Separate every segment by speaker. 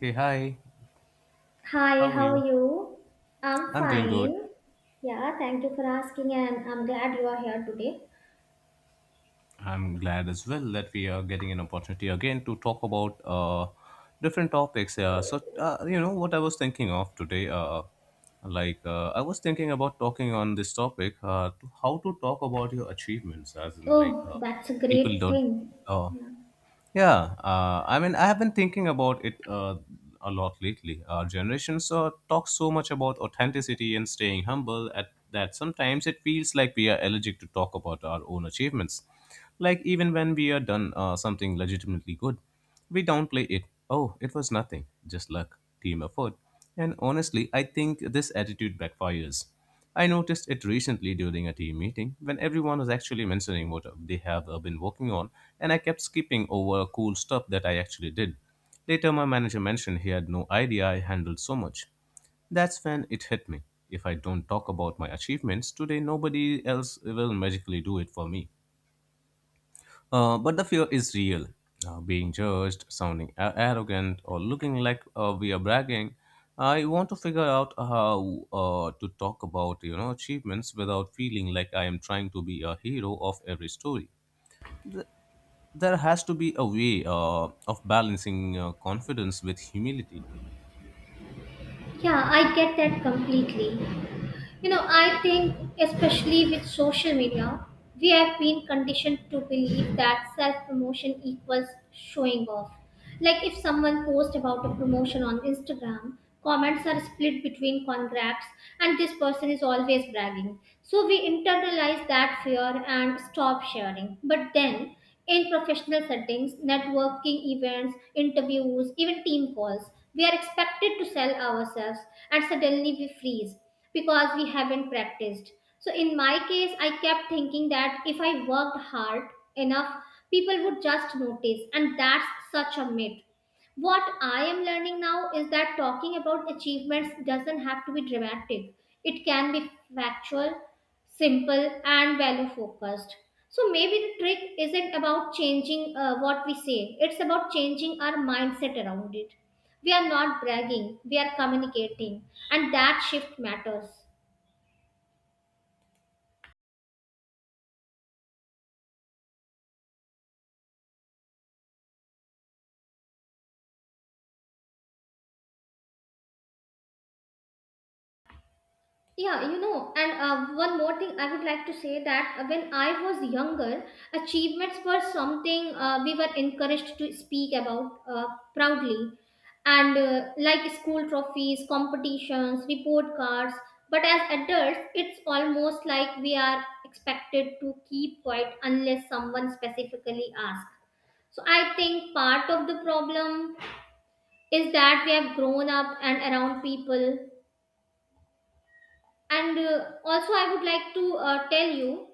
Speaker 1: Hey, hi.
Speaker 2: Hi,
Speaker 1: How are
Speaker 2: how are
Speaker 1: you?
Speaker 2: you? I'm
Speaker 1: I'm doing good.
Speaker 2: fine. Yeah, thank you for asking, and I'm glad you are here today.
Speaker 1: I'm glad as well that we are getting an opportunity again to talk about different topics. Yeah. What I was thinking of today, I was thinking about talking on this topic to how to talk about your achievements,
Speaker 2: Oh, that's a
Speaker 1: people
Speaker 2: great
Speaker 1: don't.
Speaker 2: thing.
Speaker 1: Uh,
Speaker 2: Yeah,
Speaker 1: Yeah, I mean, I have been thinking about it a lot lately. Our generations talk so much about authenticity and staying humble at that sometimes it feels like we are allergic to talk about our own achievements. Like even when we are done something legitimately good, we downplay it. Oh, it was nothing, just luck, team effort. And honestly, I think this attitude backfires. I noticed it recently during a team meeting when everyone was actually mentioning what they have been working on, and I kept skipping over cool stuff that I actually did. Later, my manager mentioned he had no idea I handled so much. That's when it hit me. If I don't talk about my achievements today, nobody else will magically do it for me. But the fear is real. Being judged, sounding arrogant, or looking like we are bragging. I want to figure out how to talk about you know achievements without feeling like I am trying to be a hero of every story. Th- there has to be a way of balancing confidence with humility.
Speaker 2: Yeah, I get that completely. You know, I think, especially with social media, we have been conditioned to believe that self promotion equals showing off. Like if someone posts about a promotion on Instagram, comments are split between congrats and this person is always bragging. So we internalize that fear and stop sharing. But then in professional settings, networking events, interviews, even team calls, we are expected to sell ourselves and suddenly we freeze because we haven't practiced. So in my case, I kept thinking that if I worked hard enough, people would just notice, and that's such a myth. What I am learning now is that talking about achievements doesn't have to be dramatic, it can be factual, simple, and value focused. So maybe the trick isn't about changing what we say, it's about changing our mindset around it. We are not bragging, we are communicating, and that shift matters. Yeah, you know, and one more thing I would like to say that when I was younger, achievements were something we were encouraged to speak about proudly, and like school trophies, competitions, report cards. But as adults, it's almost like we are expected to keep quiet unless someone specifically asks. So I think part of the problem is that we have grown up and around people and also, I would like to tell you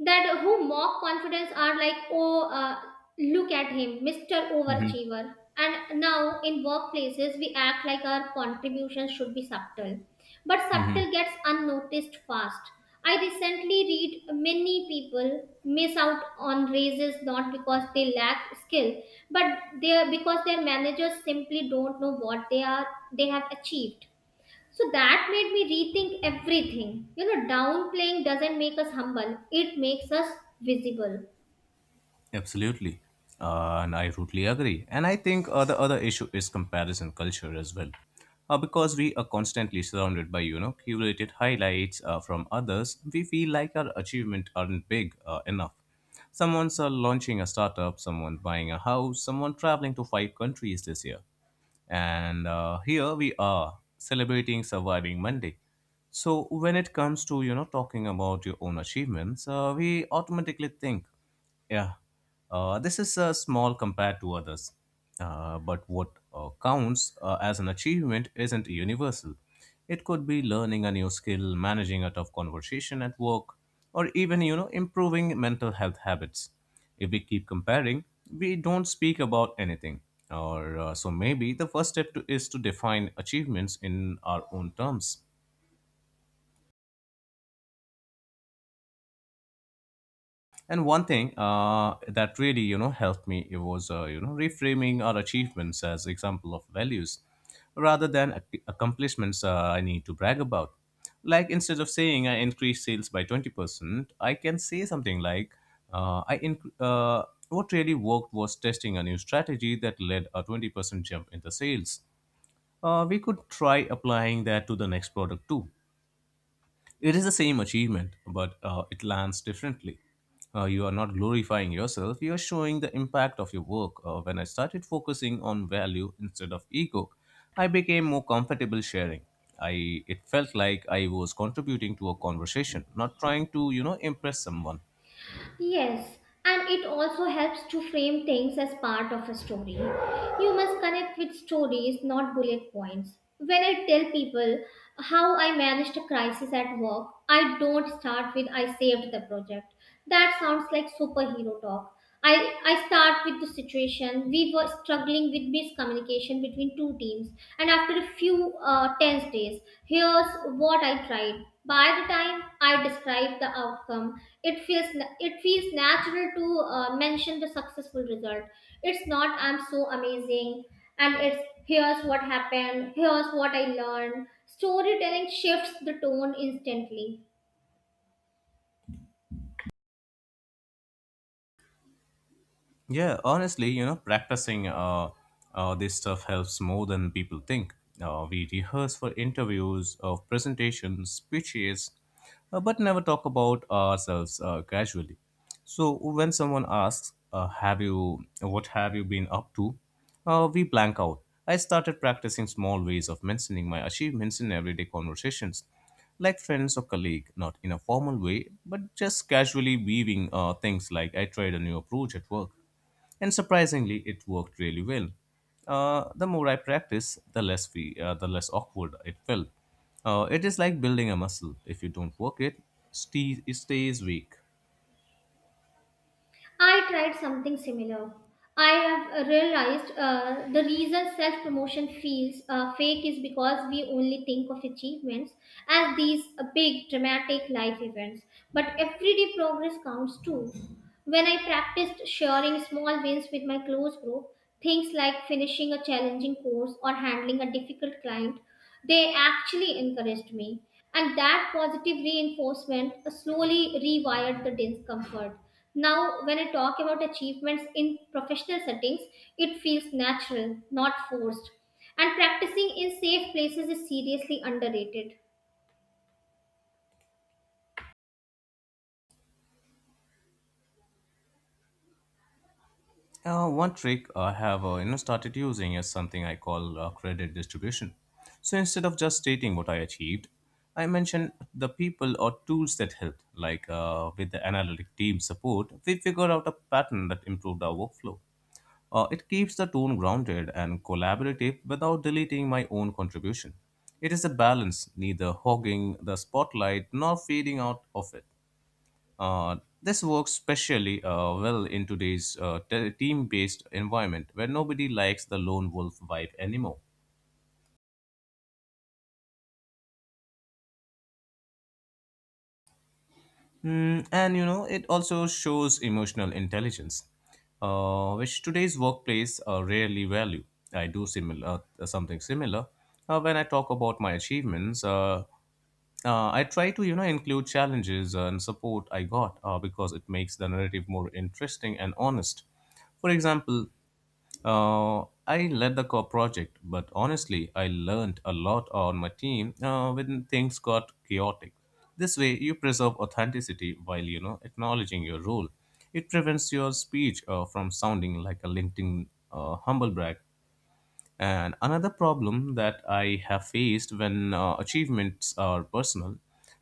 Speaker 2: that who mock confidence are like, oh, look at him, Mr.
Speaker 1: Mhm,
Speaker 2: Overachiever. And now in workplaces, we act like our contributions should be subtle, but
Speaker 1: mhm.
Speaker 2: subtle gets unnoticed fast. I recently read many people miss out on raises not because they lack skill, but they because their managers simply don't know what they have achieved, so that made me rethink everything. You know, downplaying doesn't make us humble, it makes us visible.
Speaker 1: Absolutely. And I totally agree. And I think the other issue is comparison culture as well. Because we are constantly surrounded by, you know, curated highlights from others, we feel like our achievement aren't big enough. Someone's launching a startup, someone buying a house, someone traveling to 5 countries this year, and here we are celebrating surviving monday. So when it comes to you know talking about your own achievements, we automatically think, yeah, this is small compared to others. But what counts as an achievement isn't universal. It could be learning a new skill, managing a tough conversation at work, or even, you know, improving mental health habits. If we keep comparing, we don't speak about anything. Or so maybe the first step to, is to define achievements in our own terms. And one thing that really, you know, helped me it was, you know, reframing our achievements as example of values, rather than accomplishments I need to brag about. Like instead of saying I increased sales by 20%, I can say something like, uh, I inc- uh, what really worked was testing a new strategy that led a 20% jump in the sales. We could try applying that to the next product too. It is the same achievement, but it lands differently. You are not glorifying yourself, you are showing the impact of your work. When I started focusing on value instead of ego, I became more comfortable sharing. I It felt like I was contributing to a conversation, not trying to, you know, impress someone.
Speaker 2: Yes, and it also helps to frame things as part of a story. You must connect with stories, not bullet points. When I tell people how I managed a crisis at work, I don't start with I saved the project. That sounds like superhero talk. I start with the situation. We were struggling with miscommunication between two teams, and after a few tense days, here's what I tried. By the time I describe the outcome, it feels it feels natural to mention the successful result. It's not I'm so amazing, and it's here's what happened, here's what I learned. Storytelling shifts the tone instantly.
Speaker 1: Yeah, honestly, you know, practicing this stuff helps more than people think. We rehearse for interviews, presentations, speeches, but never talk about ourselves casually. So when someone asks, "Have you? What have you been up to?" We blank out. I started practicing small ways of mentioning my achievements in everyday conversations, like friends or colleague, not in a formal way, but just casually weaving things like I tried a new approach at work and surprisingly it worked really well. The more I practiced the less awkward it felt. It is like building a muscle. If you don't work it, it stays weak.
Speaker 2: I tried something similar. I have realized the reason self promotion feels fake is because we only think of achievements as these big, dramatic life events. But everyday progress counts too. When I practiced sharing small wins with my close group, things like finishing a challenging course or handling a difficult client, they actually encouraged me, and that positive reinforcement slowly rewired the discomfort. Now, when I talk about achievements in professional settings, it feels natural, not forced. And practicing in safe places is seriously underrated.
Speaker 1: One trick I have you know started using is something I call credit distribution. So instead of just stating what I achieved, I mention the people or tools that helped, like with the analytic team support we figured out a pattern that improved our workflow. It keeps the tone grounded and collaborative without deleting my own contribution. It is a balance, neither hogging the spotlight nor fading out of it. Uh, this works especially well in today's team based environment where nobody likes the lone wolf vibe anymore. Hmm, and you know, it also shows emotional intelligence, which today's workplace rarely value. I do similar Something similar when I talk about my achievements. I try to you know include challenges and support I got because it makes the narrative more interesting and honest. For example, I led the core project, but honestly, I learned a lot on my team when things got chaotic. This way, you preserve authenticity while you know acknowledging your role. It prevents your speech from sounding like a LinkedIn humble brag. And another problem that I have faced when achievements are personal,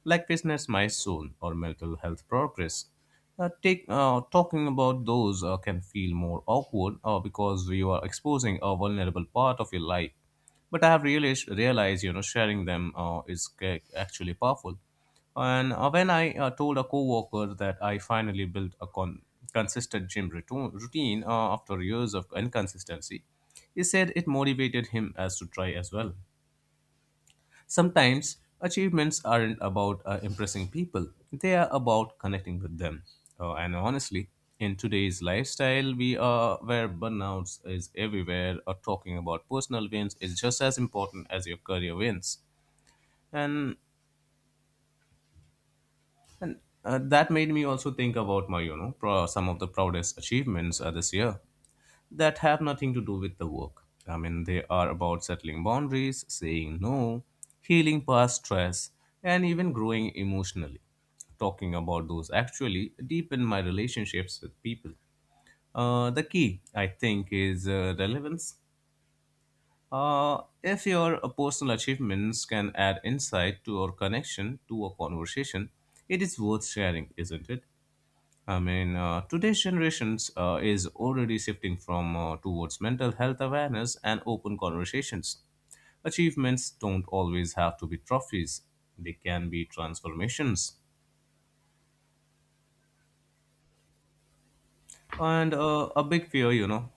Speaker 1: like business milestone or mental health progress, take talking about those can feel more awkward because you are exposing a vulnerable part of your life. But I have realized you know, sharing them is actually powerful. And when I told a coworker that I finally built a consistent gym routine after years of inconsistency, he said it motivated him as to try as well. Sometimes achievements aren't about impressing people; they are about connecting with them. And honestly, in today's lifestyle, we are where burnouts is everywhere. Or talking about personal wins is just as important as your career wins. And That made me also think about my, you know, some of the proudest achievements this year that have nothing to do with the work. I mean, they are about settling boundaries, saying no, healing past stress, and even growing emotionally. Talking about those actually deepen my relationships with people. The key, I think, is relevance. If your personal achievements can add insight to or connection to a conversation, it is worth sharing, isn't it? I mean, today's generations is already shifting from towards mental health awareness and open conversations. Achievements don't always have to be trophies; they can be transformations. And a big fear, you know,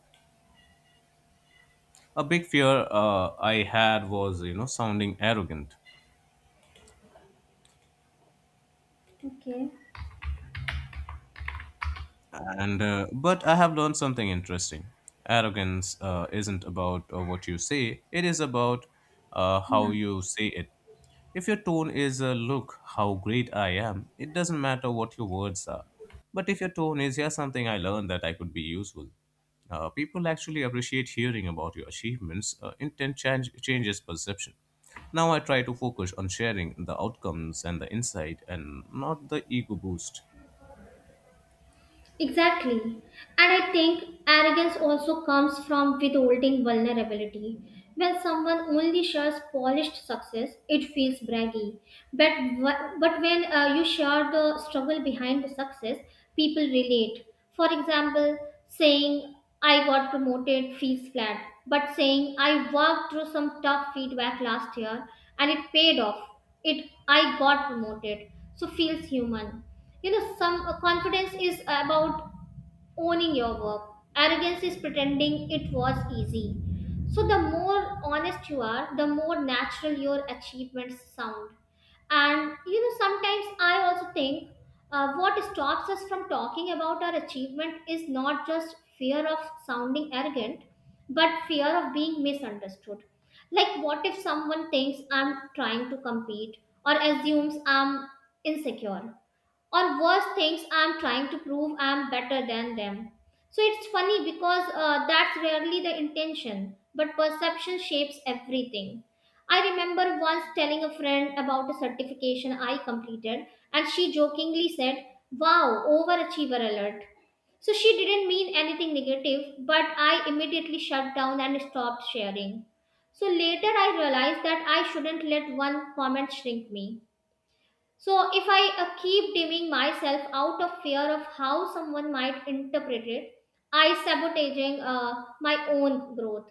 Speaker 1: a big fear I had was, you know, sounding arrogant.
Speaker 2: Okay.
Speaker 1: And But I have learned something interesting. Arrogance isn't about what you say; it is about how you say it. If your tone is "Look how great I am," it doesn't matter what your words are. But if your tone is "Here's something I learned that I could be useful," people actually appreciate hearing about your achievements. Intent changes perception. Now I try to focus on sharing the outcomes and the insight, and not the ego boost.
Speaker 2: Exactly. And I think arrogance also comes from withholding vulnerability. When someone only shares polished success, it feels braggy. But when you share the struggle behind the success, people relate. For example, saying, I got promoted feels flat, but saying, I worked through some tough feedback last year and it paid off. It, I got promoted, so feels human. You know, some confidence is about owning your work. Arrogance is pretending it was easy. So the more honest you are, the more natural your achievements sound. And you know, sometimes I also think, what stops us from talking about our achievement is not just fear of sounding arrogant, but fear of being misunderstood. Like what if someone thinks I'm trying to compete, or assumes I'm insecure, or worse, things I'm trying to prove I'm better than them. So it's funny because that's rarely the intention, but perception shapes everything. I remember once telling a friend about a certification I completed, and she jokingly said, wow, overachiever alert. So she didn't mean anything negative, but I immediately shut down and stopped sharing. So later I realized that I shouldn't let one comment shrink me. So if I keep dimming myself out of fear of how someone might interpret it, I sabotaging my own growth.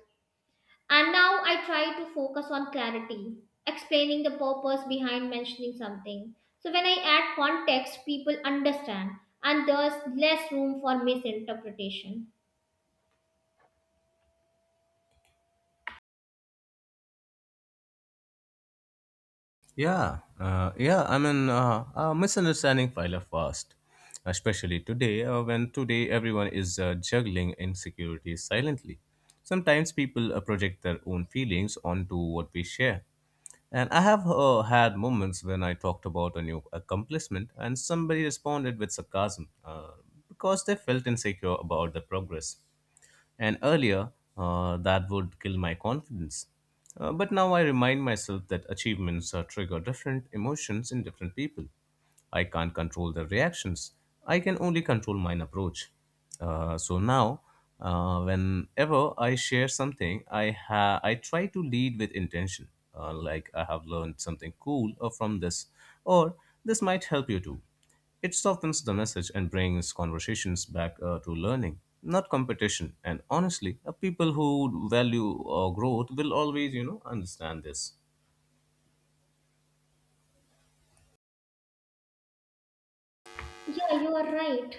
Speaker 2: And now I try to focus on clarity, explaining the purpose behind mentioning something. So when I add context, people understand, and there's less room for misinterpretation.
Speaker 1: Yeah. I mean, misunderstanding file up fast, especially today when today everyone is juggling insecurities silently. Sometimes people project their own feelings onto what we share. And I have had moments when I talked about a new accomplishment and somebody responded with sarcasm because they felt insecure about the progress. And earlier, that would kill my confidence. But now I remind myself that achievements trigger different emotions in different people. I can't control their reactions. I can only control mine approach. So now, whenever I share something, I try to lead with intention. Like I have learned something cool from this, or this might help you too. It softens the message and brings conversations back to learning, not competition. And honestly, people who value growth will always, you know, understand this.
Speaker 2: Yeah, you are right.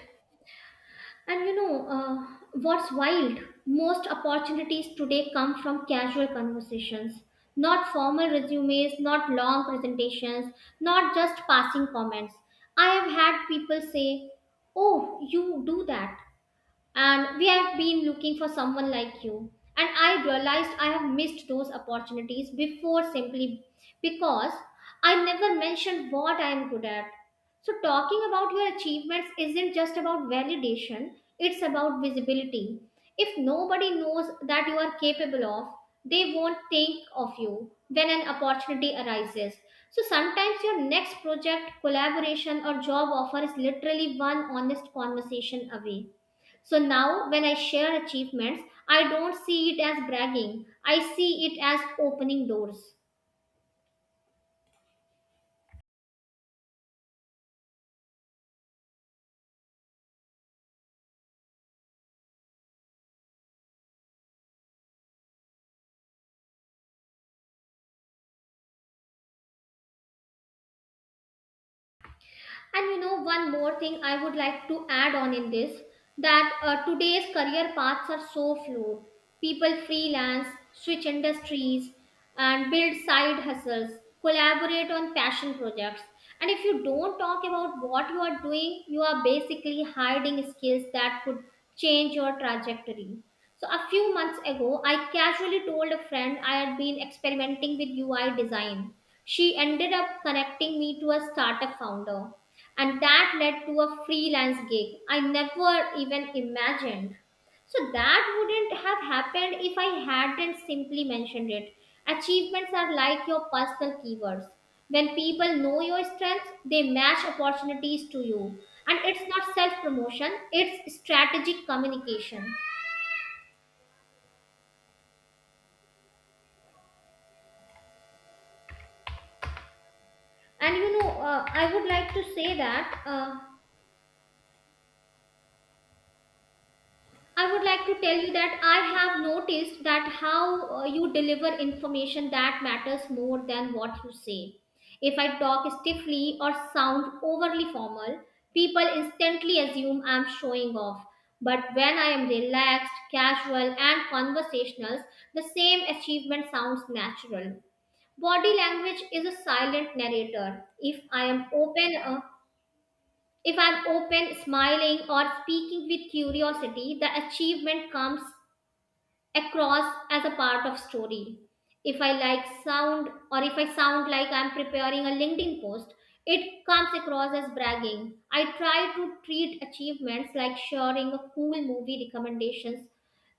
Speaker 2: And you know, what's wild? Most opportunities today come from casual conversations, not formal resumes, not long presentations, not just passing comments. I have had people say, oh, you do that and we have been looking for someone like you. And I realized I have missed those opportunities before simply because I never mentioned what I am good at. So talking about your achievements isn't just about validation, it's about visibility. If nobody knows that you are capable of, they won't think of you when an opportunity arises. So sometimes your next project collaboration or job offer is literally one honest conversation away. So now, when I share achievements, I don't see it as bragging, I see it as opening doors. And you know, one more thing I would like to add on in this, that today's career paths are so fluid. People freelance, switch industries, and build side hustles, collaborate on passion projects. And if you don't talk about what you are doing, you are basically hiding skills that could change your trajectory. So, a few months ago, I casually told a friend I had been experimenting with UI design. She ended up connecting me to a startup founder and that led to a freelance gig I never even imagined. So that wouldn't have happened if I hadn't simply mentioned it. Achievements are like your personal keywords. When people know your strengths, they match opportunities to you. And it's not self promotion, it's strategic communication. And you know, I would like to say that. I would like to tell you that I have noticed that how you deliver information that matters more than what you say. If I talk stiffly or sound overly formal, people instantly assume I'm showing off. But when I am relaxed, casual, and conversational, the same achievement sounds natural. Body language is a silent narrator. If I'm open, smiling, or speaking with curiosity, the achievement comes across as a part of story. If I like sound, or if I sound like I'm preparing a LinkedIn post, it comes across as bragging. I try to treat achievements like sharing a cool movie recommendations,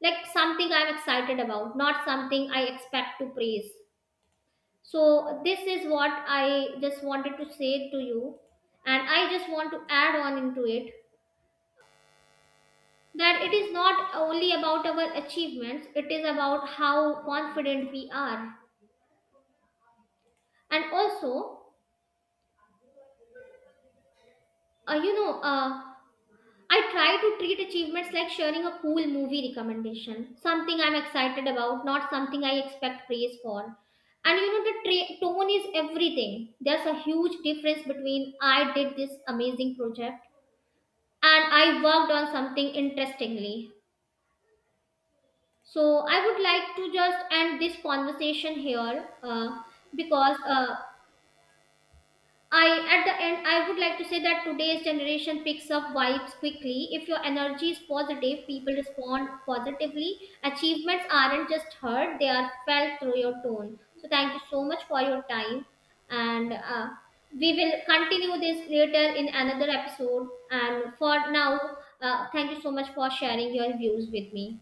Speaker 2: like something I'm excited about, not something I expect to praise. So this is what I just wanted to say to you, and I just want to add on into it that it is not only about our achievements, it is about how confident we are. And also, you know, I try to treat achievements like sharing a cool movie recommendation, something I'm excited about, not something I expect praise for. And you know, the tone is everything. There's a huge difference between I did this amazing project and I worked on something interestingly. So I would like to just end this conversation here, because I, at the end, I would like to say that today's generation picks up vibes quickly. If your energy is positive, people respond positively. Achievements aren't just heard; they are felt through your tone. So thank you so much for your time, and we will continue this later in another episode. And for now, thank you so much for sharing your views with me.